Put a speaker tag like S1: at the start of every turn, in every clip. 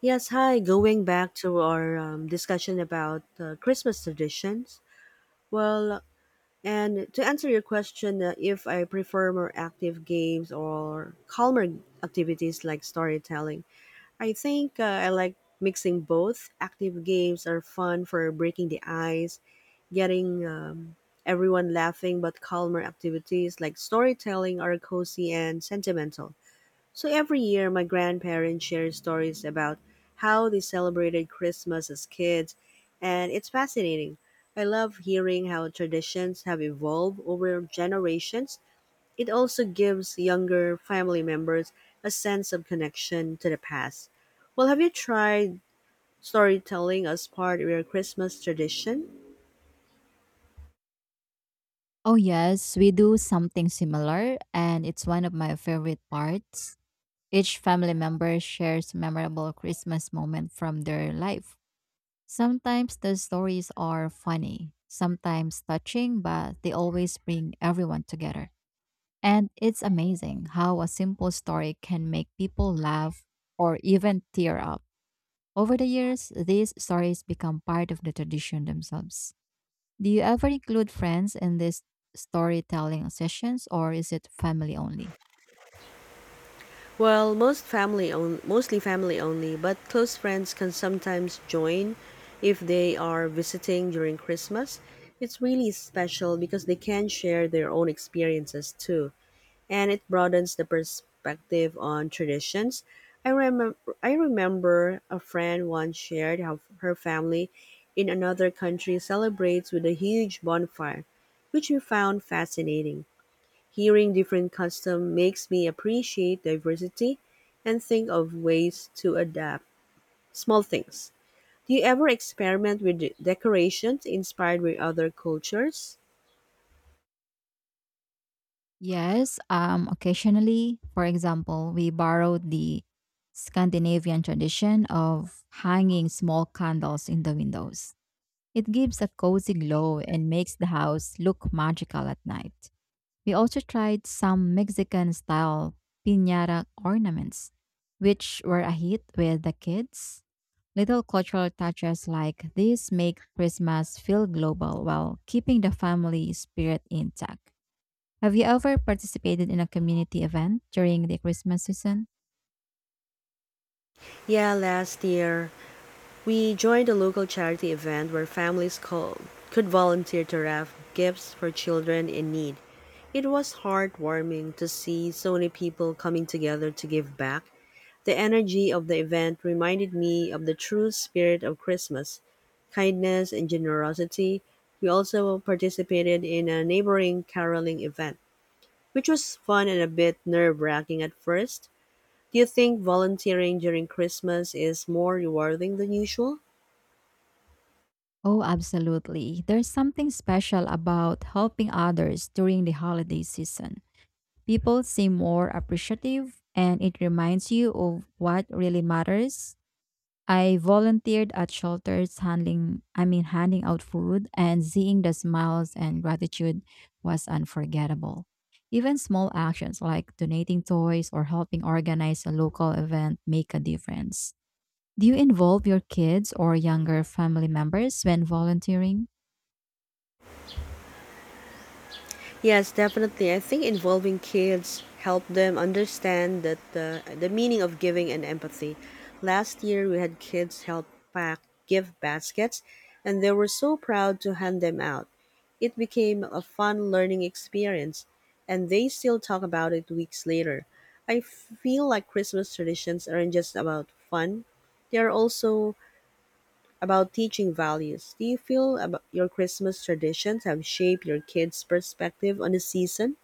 S1: Yes, hi. Going back to our discussion about Christmas traditions. Well, and to answer your question, if I prefer more active games or calmer activities like storytelling, I think I like mixing both. Active games are fun for breaking the ice, getting everyone laughing, but calmer activities like storytelling are cozy and sentimental. So every year, my grandparents share stories about how they celebrated Christmas as kids, and it's fascinating. I love hearing how traditions have evolved over generations. It also gives younger family members a sense of connection to the past. Well, have you tried storytelling as part of your Christmas tradition?
S2: Oh, yes, we do something similar, and it's one of my favorite parts. Each family member shares memorable Christmas moment from their life. Sometimes the stories are funny, sometimes touching, but they always bring everyone together. And it's amazing how a simple story can make people laugh or even tear up. Over the years, these stories become part of the tradition themselves. Do you ever include friends in these storytelling sessions or is it family only?
S1: Well, most family own, mostly family only, but close friends can sometimes join if they are visiting during Christmas. It's really special because they can share their own experiences too, and it broadens the perspective on traditions. I remember I remember a friend once shared how her family in another country celebrates with a huge bonfire, which we found fascinating. Hearing different customs makes me appreciate diversity and think of ways to adapt small things. Do you ever experiment with decorations inspired by other cultures?
S2: Yes, occasionally, for example, we borrowed the Scandinavian tradition of hanging small candles in the windows. It gives a cozy glow and makes the house look magical at night. We also tried some Mexican style piñata ornaments, which were a hit with the kids. Little cultural touches like this make Christmas feel global while keeping the family spirit intact. Have you ever participated in a community event during the Christmas season?
S1: Yeah, last year we joined a local charity event where families could volunteer to wrap gifts for children in need. It was heartwarming to see so many people coming together to give back. The energy of the event reminded me of the true spirit of Christmas, kindness and generosity. We also participated in a neighboring caroling event, which was fun and a bit nerve wracking at first. Do you think volunteering during Christmas is more rewarding than usual?
S2: Oh, absolutely. There's something special about helping others during the holiday season. People seem more appreciative, and it reminds you of what really matters. I volunteered at shelters handling I mean handing out food, and seeing the smiles and gratitude was unforgettable. Even small actions like donating toys or helping organize a local event make a difference. Do you involve your kids or younger family members when volunteering?
S1: Yes, definitely. I think involving kids help them understand that the meaning of giving and empathy. Last year we had kids help pack gift baskets and they were so proud to hand them out. It became a fun learning experience and they still talk about it weeks later. I feel like Christmas traditions aren't just about fun. They are also about teaching values. Do you feel about your Christmas traditions have shaped your kids' perspective on the season?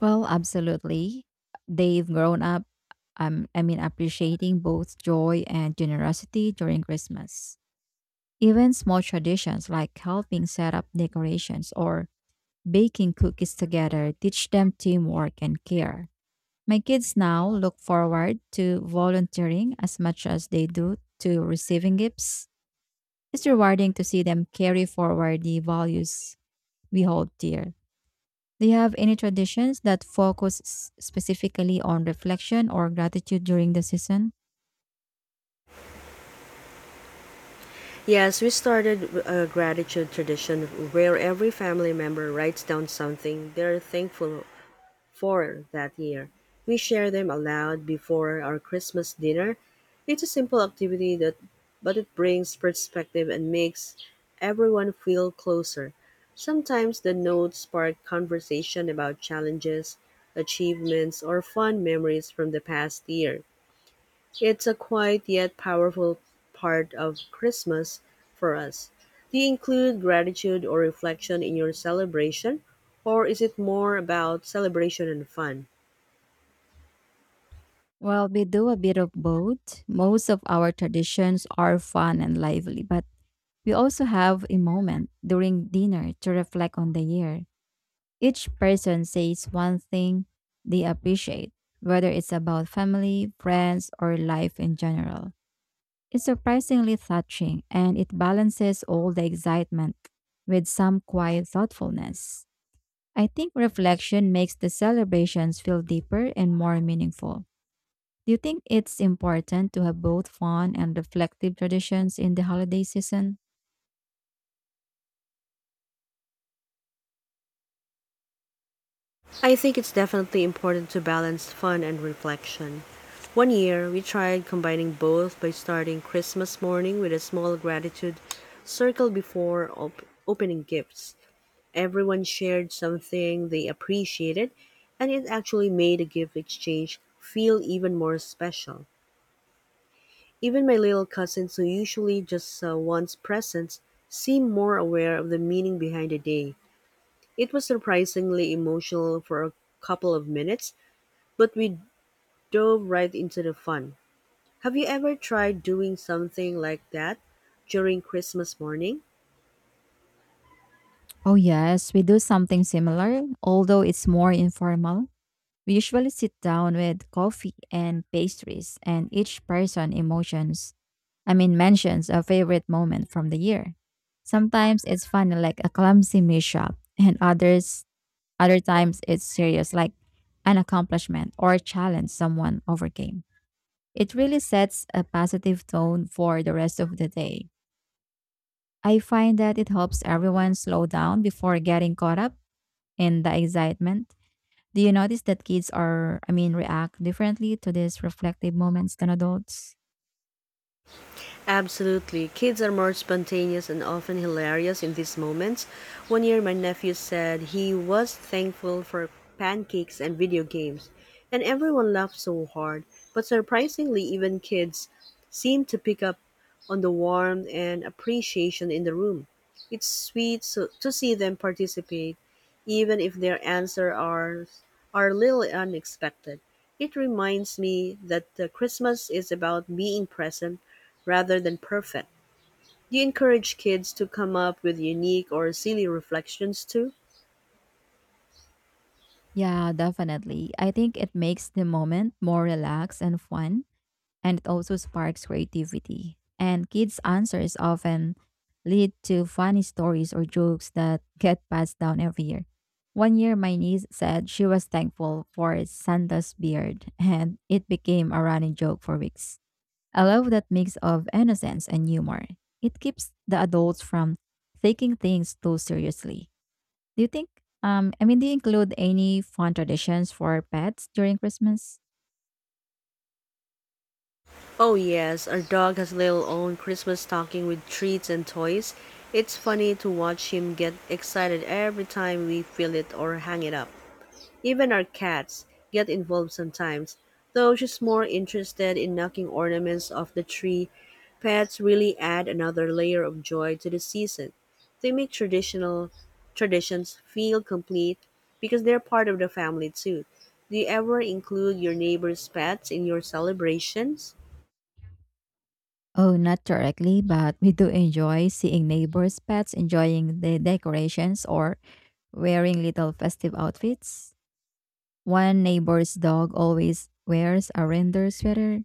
S2: Well, absolutely. They've grown up appreciating both joy and generosity during Christmas. Even small traditions like helping set up decorations or baking cookies together teach them teamwork and care. My kids now look forward to volunteering as much as they do to receiving gifts. It's rewarding to see them carry forward the values we hold dear. Do you have any traditions that focus specifically on reflection or gratitude during the season?
S1: Yes, we started a gratitude tradition where every family member writes down something they're thankful four that year. We share them aloud before our Christmas dinner. It's a simple activity that but it brings perspective and makes everyone feel closer. Sometimes the notes spark conversation about challenges, achievements, or fun memories from the past year. It's a quiet yet powerful part of Christmas for us. Do you include gratitude or reflection in your celebration, or is it more about celebration and fun?
S2: Well, we do a bit of both. Most of our traditions are fun and lively, but we also have a moment during dinner to reflect on the year. Each person says one thing they appreciate, whether it's about family, friends, or life in general. It's surprisingly touching, and it balances all the excitement with some quiet thoughtfulness. I think reflection makes the celebrations feel deeper and more meaningful. Do you think it's important to have both fun and reflective traditions in the holiday season?
S1: I think it's definitely important to balance fun and reflection. One year, we tried combining both by starting Christmas morning with a small gratitude circle before opening gifts. Everyone shared something they appreciated, and it actually made a gift exchange feel even more special. Even my little cousins, who usually just wants presents, seemed more aware of the meaning behind the day. It was surprisingly emotional for a couple of minutes, but we dove right into the fun. Have you ever tried doing something like that during Christmas morning?
S2: Oh, yes, we do something similar, although it's more informal. We usually sit down with coffee and pastries, and each person mentions a favorite moment from the year. Sometimes it's funny, like a clumsy mishap, and other times it's serious, like an accomplishment or a challenge someone overcame. It really sets a positive tone for the rest of the day. I find that it helps everyone slow down before getting caught up and the excitement. Do you notice that kids are, I mean, react differently to these reflective moments than adults?
S1: Absolutely. Kids are more spontaneous and often hilarious in these moments. One year, my nephew said he was thankful for pancakes and video games, and everyone laughed so hard. But surprisingly, even kids seem to pick up on the warmth and appreciation in the room. It's sweet so, to see them participate even if their answers are little unexpected. It reminds me that the Christmas is about being present rather than perfect. Do you encourage kids to come up with unique or silly reflections too?
S2: Yeah, definitely. I think it makes the moment more relaxed and fun, and it also sparks creativity. And kids' answers often lead to funny stories or jokes that get passed down every year. One year, my niece said she was thankful for Santa's beard, and it became a running joke for weeks. I love that mix of innocence and humor. It keeps the adults from taking things too seriously. Do you think, I mean, Do you include any fun traditions for pets during Christmas?
S1: Oh yes, our dog has little own Christmas stocking with treats and toys. It's funny to watch him get excited every time we fill it or hang it up. Even our cats get involved sometimes, though she's more interested in knocking ornaments off the tree. Pets really add another layer of joy to the season. They make traditional traditions feel complete because they're part of the family too. Do you ever include your neighbor's pets in your celebrations?
S2: Oh, not directly, but we do enjoy seeing neighbors' pets enjoying the decorations or wearing little festive outfits. One neighbor's dog always wears a reindeer sweater,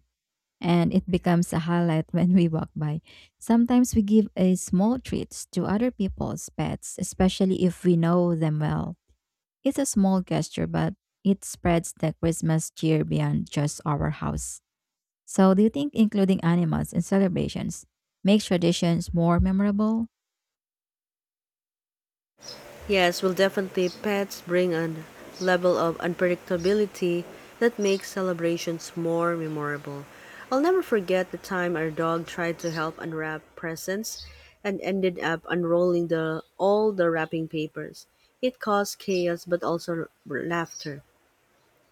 S2: and it becomes a highlight when we walk by. Sometimes we give a small treats to other people's pets, especially if we know them well. It's a small gesture, but it spreads the Christmas cheer beyond just our house. So, do you think including animals in celebrations makes traditions more memorable?
S1: Yes, well, definitely, pets bring a level of unpredictability that makes celebrations more memorable. I'll never forget the time our dog tried to help unwrap presents and ended up unrolling the all the wrapping papers. It caused chaos but also laughter,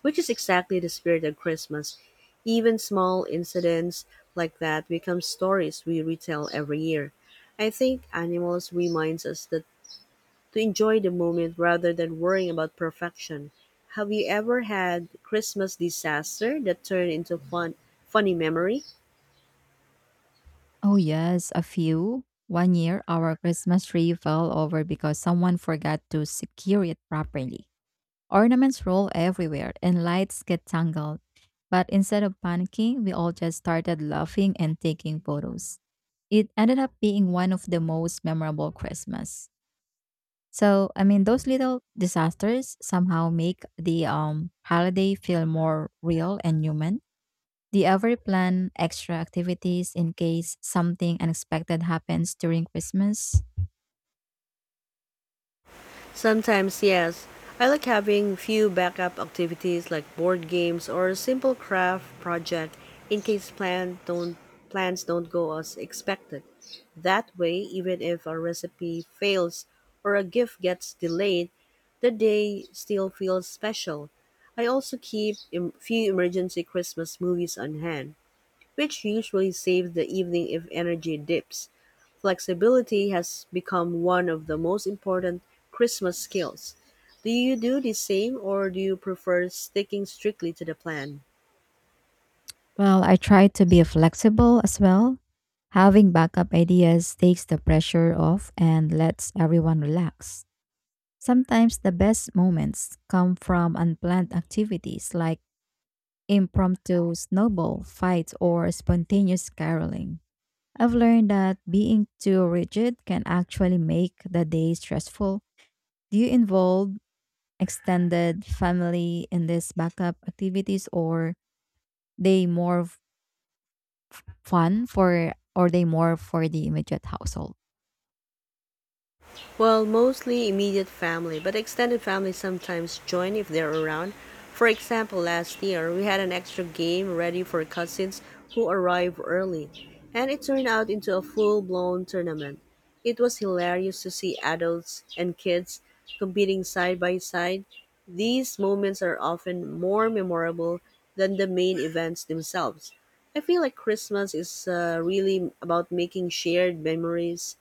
S1: which is exactly the spirit of Christmas. Even small incidents like that become stories we retell every year. I think animals reminds us that to enjoy the moment rather than worrying about perfection. Have you ever had Christmas disaster that turned into fun funny memory?
S2: Oh, yes, a few. One year, our Christmas tree fell over because someone forgot to secure it properly. Ornaments roll everywhere and lights get tangled. But instead of panicking, we all just started laughing and taking photos. It ended up being one of the most memorable Christmas. Those little disasters somehow make the holiday feel more real and human. Do you ever plan extra activities in case something unexpected happens during Christmas?
S1: Sometimes yes. I like having few backup activities like board games or a simple craft project in case plans don't go as expected. That way, even if a recipe fails or a gift gets delayed, the day still feels special. I also keep a few emergency Christmas movies on hand, which usually saves the evening if energy dips. Flexibility has become one of the most important Christmas skills. Do you do the same or do you prefer sticking strictly to the plan?
S2: Well, I try to be flexible as well. Having backup ideas takes the pressure off and lets everyone relax. Sometimes the best moments come from unplanned activities like impromptu snowball fights or spontaneous caroling. I've learned that being too rigid can actually make the day stressful. Do you involve extended family in these backup activities, or they more fun for or they more for the immediate household?
S1: Well, mostly immediate family, but extended family sometimes join if they're around. For example, last year we had an extra game ready for cousins who arrived early, and it turned out into a full blown tournament. It was hilarious to see adults and kids competing side by side. These moments are often more memorable than the main events themselves. I feel like Christmas is really about making shared memories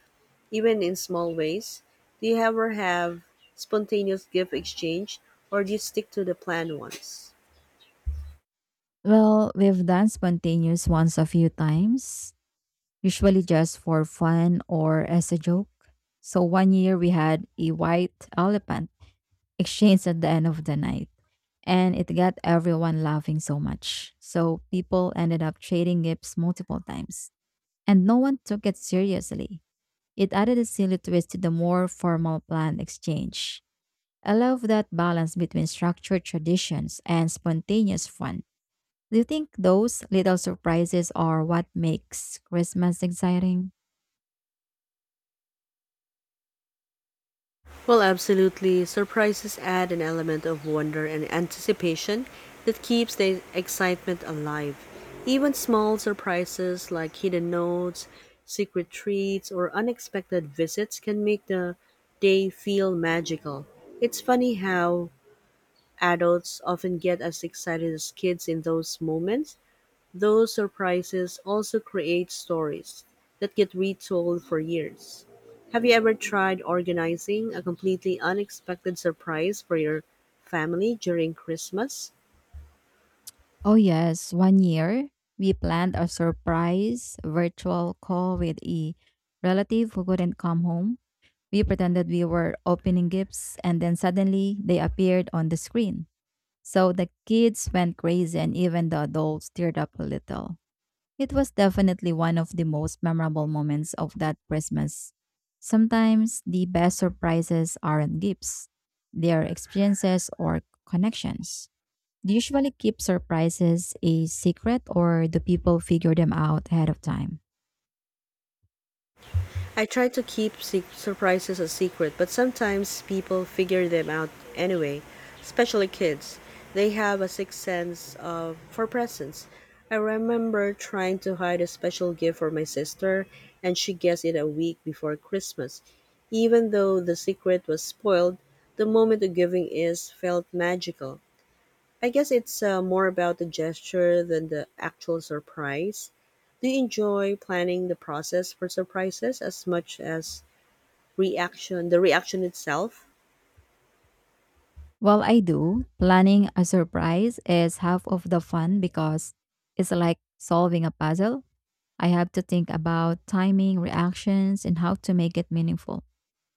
S1: even in small ways? Do you ever have spontaneous gift exchange or do you stick to the planned ones?
S2: Well, we've done spontaneous ones a few times, usually just for fun or as a joke. So one year we had a white elephant exchange at the end of the night, and it got everyone laughing so much. So people ended up trading gifts multiple times, and no one took it seriously. It added a silly twist to the more formal planned exchange. I love that balance between structured traditions and spontaneous fun. Do you think those little surprises are what makes Christmas exciting?
S1: Well, absolutely. Surprises add an element of wonder and anticipation that keeps the excitement alive. Even small surprises like hidden notes, secret treats, or unexpected visits can make the day feel magical. It's funny how adults often get as excited as kids in those moments. Those surprises also create stories that get retold for years. Have you ever tried organizing a completely unexpected surprise for your family during Christmas?
S2: Oh, yes. One year, we planned a surprise virtual call with a relative who couldn't come home. We pretended we were opening gifts, and then suddenly they appeared on the screen. So the kids went crazy, and even the adults teared up a little. It was definitely one of the most memorable moments of that Christmas. Sometimes the best surprises aren't gifts, they are experiences or connections. Do you usually keep surprises a secret or do people figure them out ahead of time?
S1: I try to keep surprises a secret, but sometimes people figure them out anyway, especially kids. They have a sixth sense of for presents. I remember trying to hide a special gift for my sister, and she guessed it a week before Christmas. Even though the secret was spoiled, the moment of giving is felt magical. I guess it's more about the gesture than the actual surprise. Do you enjoy planning the process for surprises as much as reaction, the reaction itself?
S2: Well, I do. Planning a surprise is half of the fun because it's like solving a puzzle. I have to think about timing, reactions, and how to make it meaningful.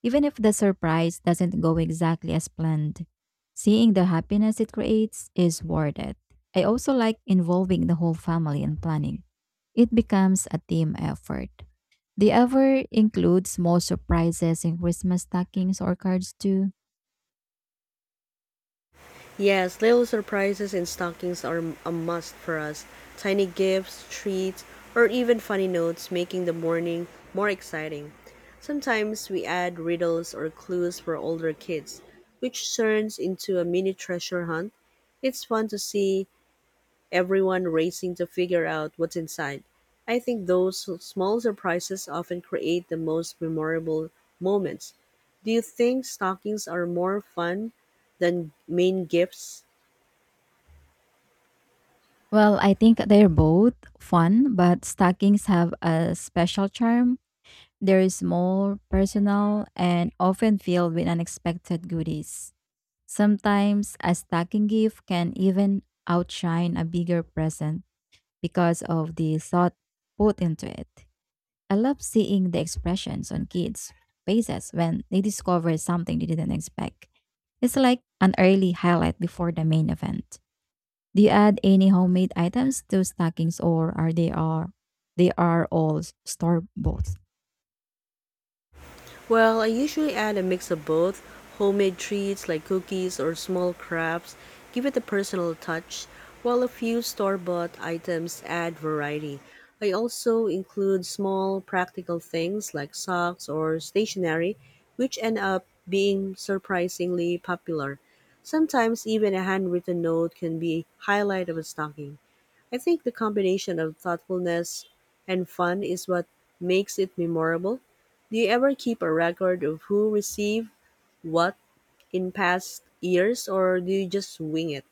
S2: Even if the surprise doesn't go exactly as planned, seeing the happiness it creates is worth it. I also like involving the whole family in planning. It becomes a team effort. Do you ever include small surprises in Christmas stockings or cards too?
S1: Yes, little surprises in stockings are a must for us. Tiny gifts, treats, or even funny notes making the morning more exciting. Sometimes we add riddles or clues for older kids, which turns into a mini treasure hunt. It's fun to see everyone racing to figure out what's inside. I think those small surprises often create the most memorable moments. Do you think stockings are more fun than main gifts?
S2: Well, I think they're both fun, but stockings have a special charm. They're small, personal, and often filled with unexpected goodies. Sometimes a stocking gift can even outshine a bigger present because of the thought put into it. I love seeing the expressions on kids' faces when they discover something they didn't expect. It's like an early highlight before the main event. Do you add any homemade items to stockings, or are they are all store bought?
S1: Well, I usually add a mix of both homemade treats like cookies or small crafts, give it a personal touch, while a few store bought items add variety. I also include small practical things like socks or stationery, which end up being surprisingly popular. Sometimes even a handwritten note can be highlight of a stocking. I think the combination of thoughtfulness and fun is what makes it memorable. Do you ever keep a record of who received what in past years or do you just wing it?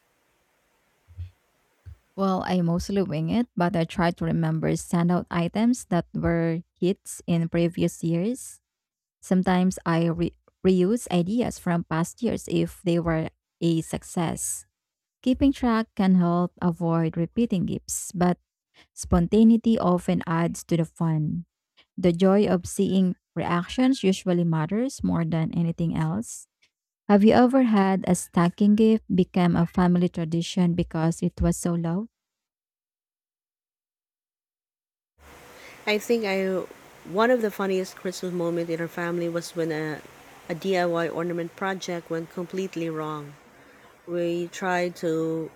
S2: Well, I mostly wing it, but I try to remember standout items that were hits in previous years. Sometimes I reuse ideas from past years if they were a success. Keeping track can help avoid repeating gifts, but spontaneity often adds to the fun. The joy of seeing reactions usually matters more than anything else. Have you ever had a stacking gift become a family tradition because it was so low?
S1: I think I One of the funniest Christmas moments in our family was when a DIY ornament project went completely wrong. We tried to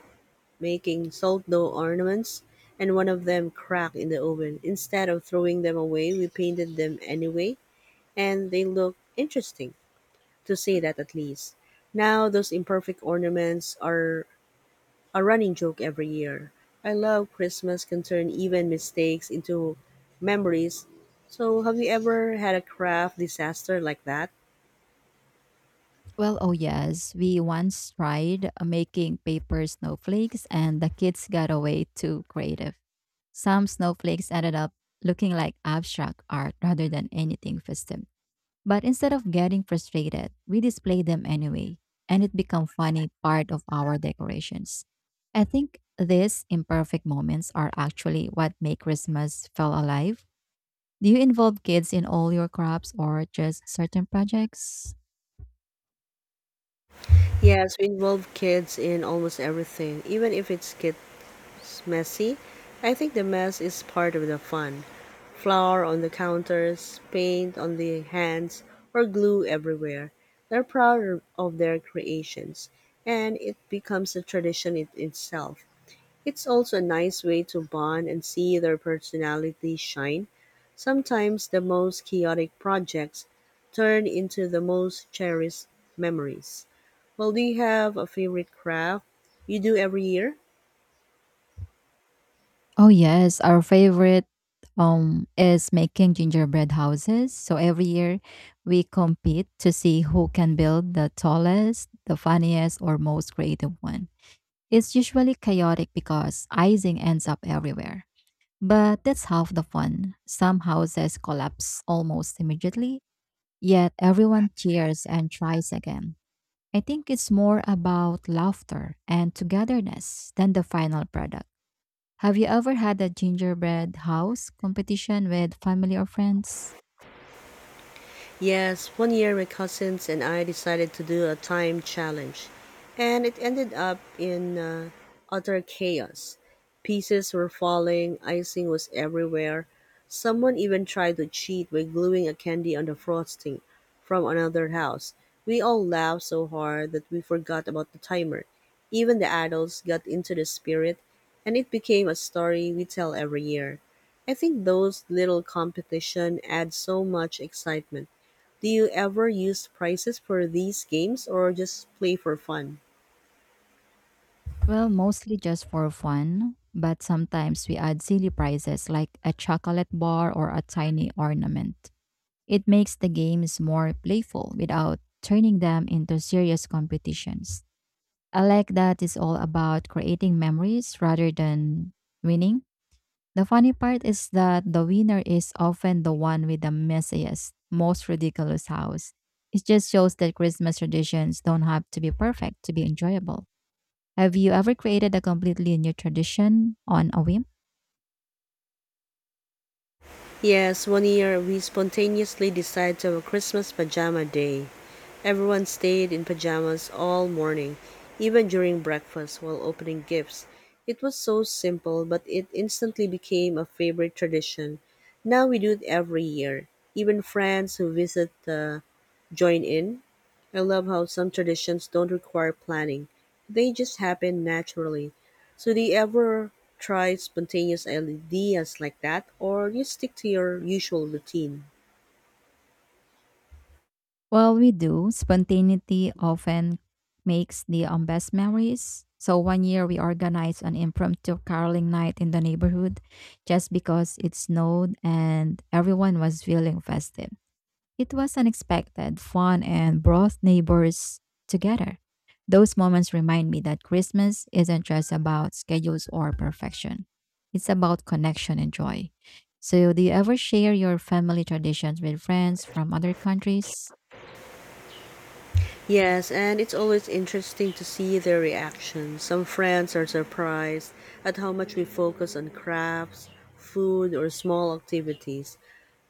S1: making salt dough ornaments and one of them cracked in the oven. Instead of throwing them away, we painted them anyway and they look interesting, to say that at least. Now those imperfect ornaments are a running joke every year. I love Christmas can turn even mistakes into memories. So have you ever had a craft disaster like that?
S2: Oh, yes, we once tried making paper snowflakes and the kids got away too creative. Some snowflakes ended up looking like abstract art rather than anything festive. But instead of getting frustrated, we displayed them anyway, and it became funny part of our decorations. I think these imperfect moments are actually what make Christmas feel alive. Do you involve kids in all your crafts or just certain projects?
S1: Yes, we involve kids in almost everything, even if it's messy. I think the mess is part of the fun. Flour on the counters, paint on the hands, or glue everywhere. They're proud of their creations, and it becomes a tradition in itself. It's also a nice way to bond and see their personality shine. Sometimes the most chaotic projects turn into the most cherished memories. Well, do you have a favorite craft you do every year?
S2: Oh yes, our favorite is making gingerbread houses. So every year we compete to see who can build the tallest, the funniest or most creative one. It's usually chaotic because icing ends up everywhere. But that's half the fun. Some houses collapse almost immediately, yet everyone cheers and tries again. I think it's more about laughter and togetherness than the final product. Have you ever had a gingerbread house competition with family or friends?
S1: Yes, one year my cousins and I decided to do a time challenge, and it ended up in utter chaos. Pieces were falling, icing was everywhere. Someone even tried to cheat by gluing a candy on the frosting from another house. We all laughed so hard that we forgot about the timer. Even the adults got into the spirit, and it became a story we tell every year. I think those little competition add so much excitement. Do you ever use prizes for these games or just play for fun?
S2: Well, mostly just for fun, but sometimes we add silly prizes like a chocolate bar or a tiny ornament. It makes the games more playful without turning them into serious competitions. I like that it's all about creating memories rather than winning. The funny part is that the winner is often the one with the messiest, most ridiculous house. It just shows that Christmas traditions don't have to be perfect to be enjoyable. Have you ever created a completely new tradition on a whim?
S1: Yes, one year we spontaneously decided to have a Christmas pajama day. Everyone stayed in pajamas all morning, even during breakfast while opening gifts. It was so simple, but it instantly became a favorite tradition. Now we do it every year. Even friends who visit join in. I love how some traditions don't require planning. They just happen naturally. So do you ever try spontaneous ideas like that, or you stick to your usual routine?
S2: Well, we do. Spontaneity often makes the best memories. So one year we organized an impromptu caroling night in the neighborhood just because it snowed and everyone was feeling festive. It was unexpected, fun, and brought neighbors together. Those moments remind me that Christmas isn't just about schedules or perfection, it's about connection and joy. So, do you ever share your family traditions with friends from other countries?
S1: Yes, and it's always interesting to see their reaction. Some friends are surprised at how much we focus on crafts, food, or small activities.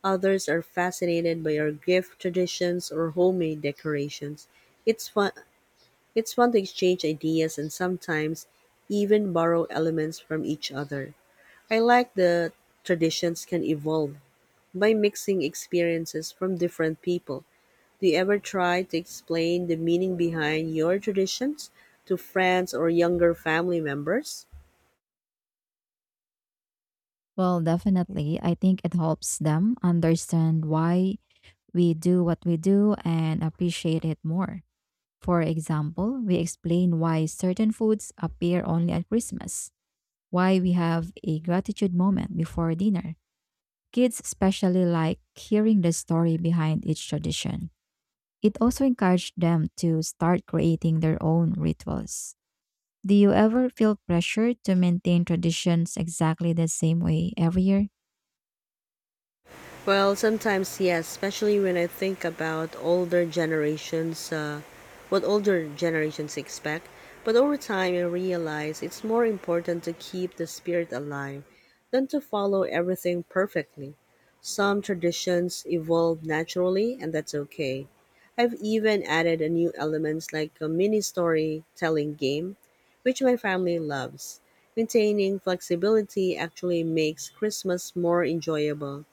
S1: Others are fascinated by our gift traditions or homemade decorations. It's fun It's fun to exchange ideas and sometimes even borrow elements from each other. I like that traditions can evolve by mixing experiences from different people. Do you ever try to explain the meaning behind your traditions to friends or younger family members?
S2: Well, definitely. I think it helps them understand why we do what we do and appreciate it more. For example, we explain why certain foods appear only at Christmas, why we have a gratitude moment before dinner. Kids especially like hearing the story behind each tradition. It also encouraged them to start creating their own rituals. Do you ever feel pressure to maintain traditions exactly the same way every year?
S1: Well, sometimes yes, especially when I think about older what older generations expect. But over time, I realize it's more important to keep the spirit alive than to follow everything perfectly. Some traditions evolve naturally, and that's okay. I've even added a new elements like a mini storytelling game, which my family loves. Maintaining flexibility actually makes Christmas more enjoyable.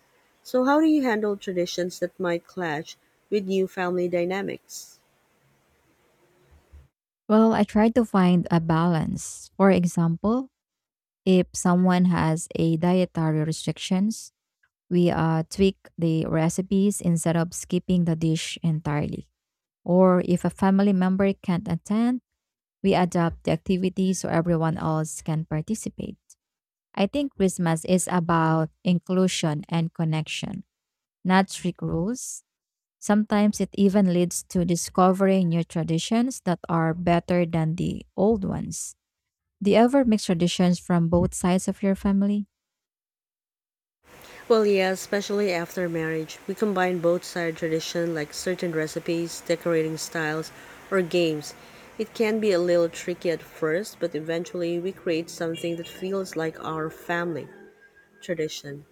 S1: So, how do you handle traditions that might clash with new family dynamics?
S2: Well, I try to find a balance. For example, if someone has a dietary restrictions, we tweak the recipes instead of skipping the dish entirely. Or if a family member can't attend, we adapt the activity so everyone else can participate. I think Christmas is about inclusion and connection, not strict rules. Sometimes it even leads to discovering new traditions that are better than the old ones. Do you ever mix traditions from both sides of your family?
S1: Well, yeah, especially after marriage, we combine both side tradition like certain recipes, decorating styles, or games. It can be a little tricky at first, but eventually we create something that feels like our family tradition.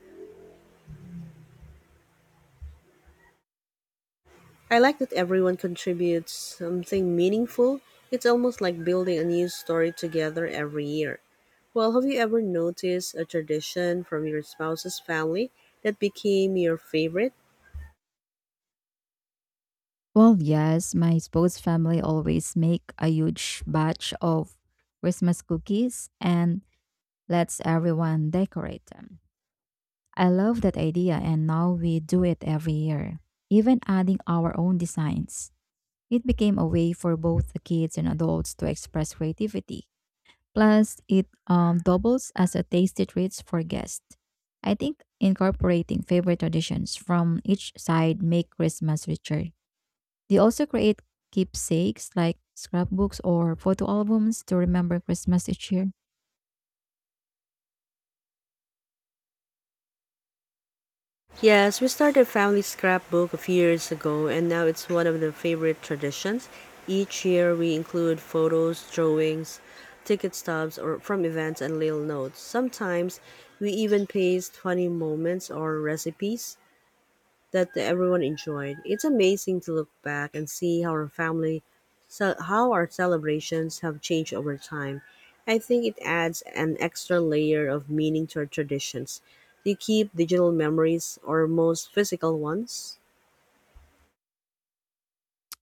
S1: I like that everyone contributes something meaningful. It's almost like building a new story together every year. Well, have you ever noticed a tradition from your spouse's family that became your favorite?
S2: Well, yes, my sports family always make a huge batch of Christmas cookies and lets everyone decorate them. I love that idea, and now we do it every year, even adding our own designs. It became a way for both the kids and adults to express creativity. Plus, it doubles as a tasty treat for guests. I think incorporating favorite traditions from each side make Christmas richer. They also create keepsakes like scrapbooks or photo albums to remember Christmas each year.
S1: Yes, we started a family scrapbook a few years ago, and now it's one of the favorite traditions. Each year, we include photos, drawings, ticket stubs, or from events and little notes. Sometimes, we even paste funny moments or recipes that everyone enjoyed. It's amazing to look back and see how our how our celebrations have changed over time. I think it adds an extra layer of meaning to our traditions. Do you keep digital memories or most physical ones?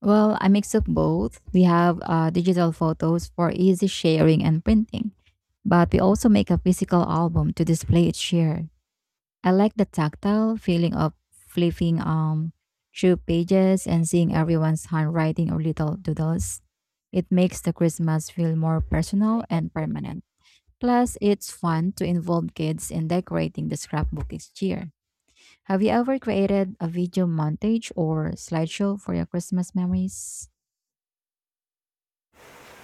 S2: Well, I mix up both. We have digital photos for easy sharing and printing, but we also make a physical album to display each year. I like the tactile feeling of flipping through pages and seeing everyone's handwriting or little doodles. It makes the Christmas feel more personal and permanent. Plus, it's fun to involve kids in decorating the scrapbook each year. Have you ever created a video montage or slideshow for your Christmas memories?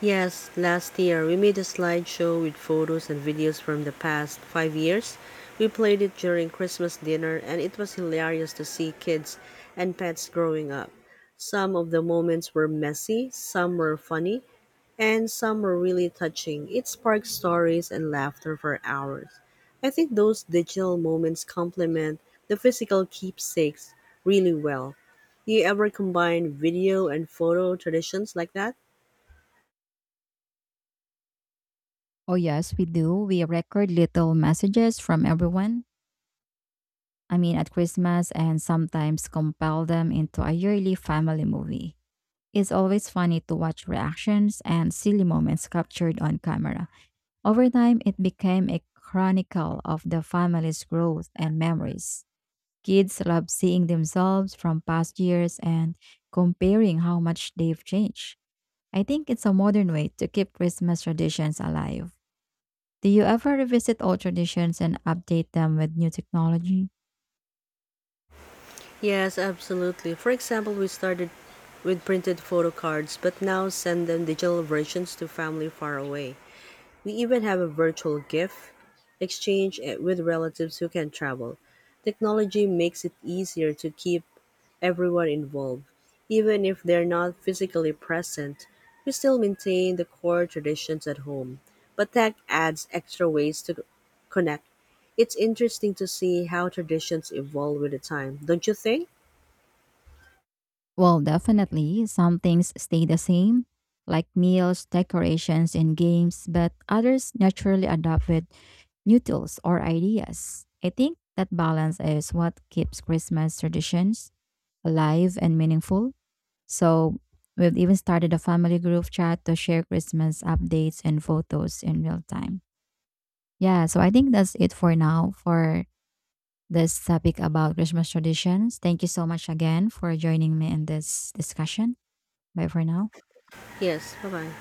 S1: Yes, last year we made a slideshow with photos and videos from the past 5 years. We played it during Christmas dinner, and it was hilarious to see kids and pets growing up. Some of the moments were messy, some were funny, and some were really touching. It sparked stories and laughter for hours. I think those digital moments complement the physical keepsakes really well. Do you ever combine video and photo traditions like that?
S2: Oh, yes, we do. We record little messages from everyone. I mean, at Christmas, and sometimes compile them into a yearly family movie. It's always funny to watch reactions and silly moments captured on camera. Over time, it became a chronicle of the family's growth and memories. Kids love seeing themselves from past years and comparing how much they've changed. I think it's a modern way to keep Christmas traditions alive. Do you ever revisit old traditions and update them with new technology?
S1: Yes, absolutely. For example, we started with printed photo cards, but now send them digital versions to family far away. We even have a virtual gift exchange with relatives who can travel. Technology makes it easier to keep everyone involved. Even if they're not physically present, we still maintain the core traditions at home. But tech adds extra ways to connect. It's interesting to see how traditions evolve with the time, don't you think?
S2: Well, definitely, some things stay the same, like meals, decorations, and games, but others naturally adapt with new tools or ideas. I think that balance is what keeps Christmas traditions alive and meaningful. So, we've even started a family group chat to share Christmas updates and photos in real time. Yeah, so I think that's it for now for this topic about Christmas traditions. Thank you so much again for joining me in this discussion. Bye for now.
S1: Yes, bye-bye.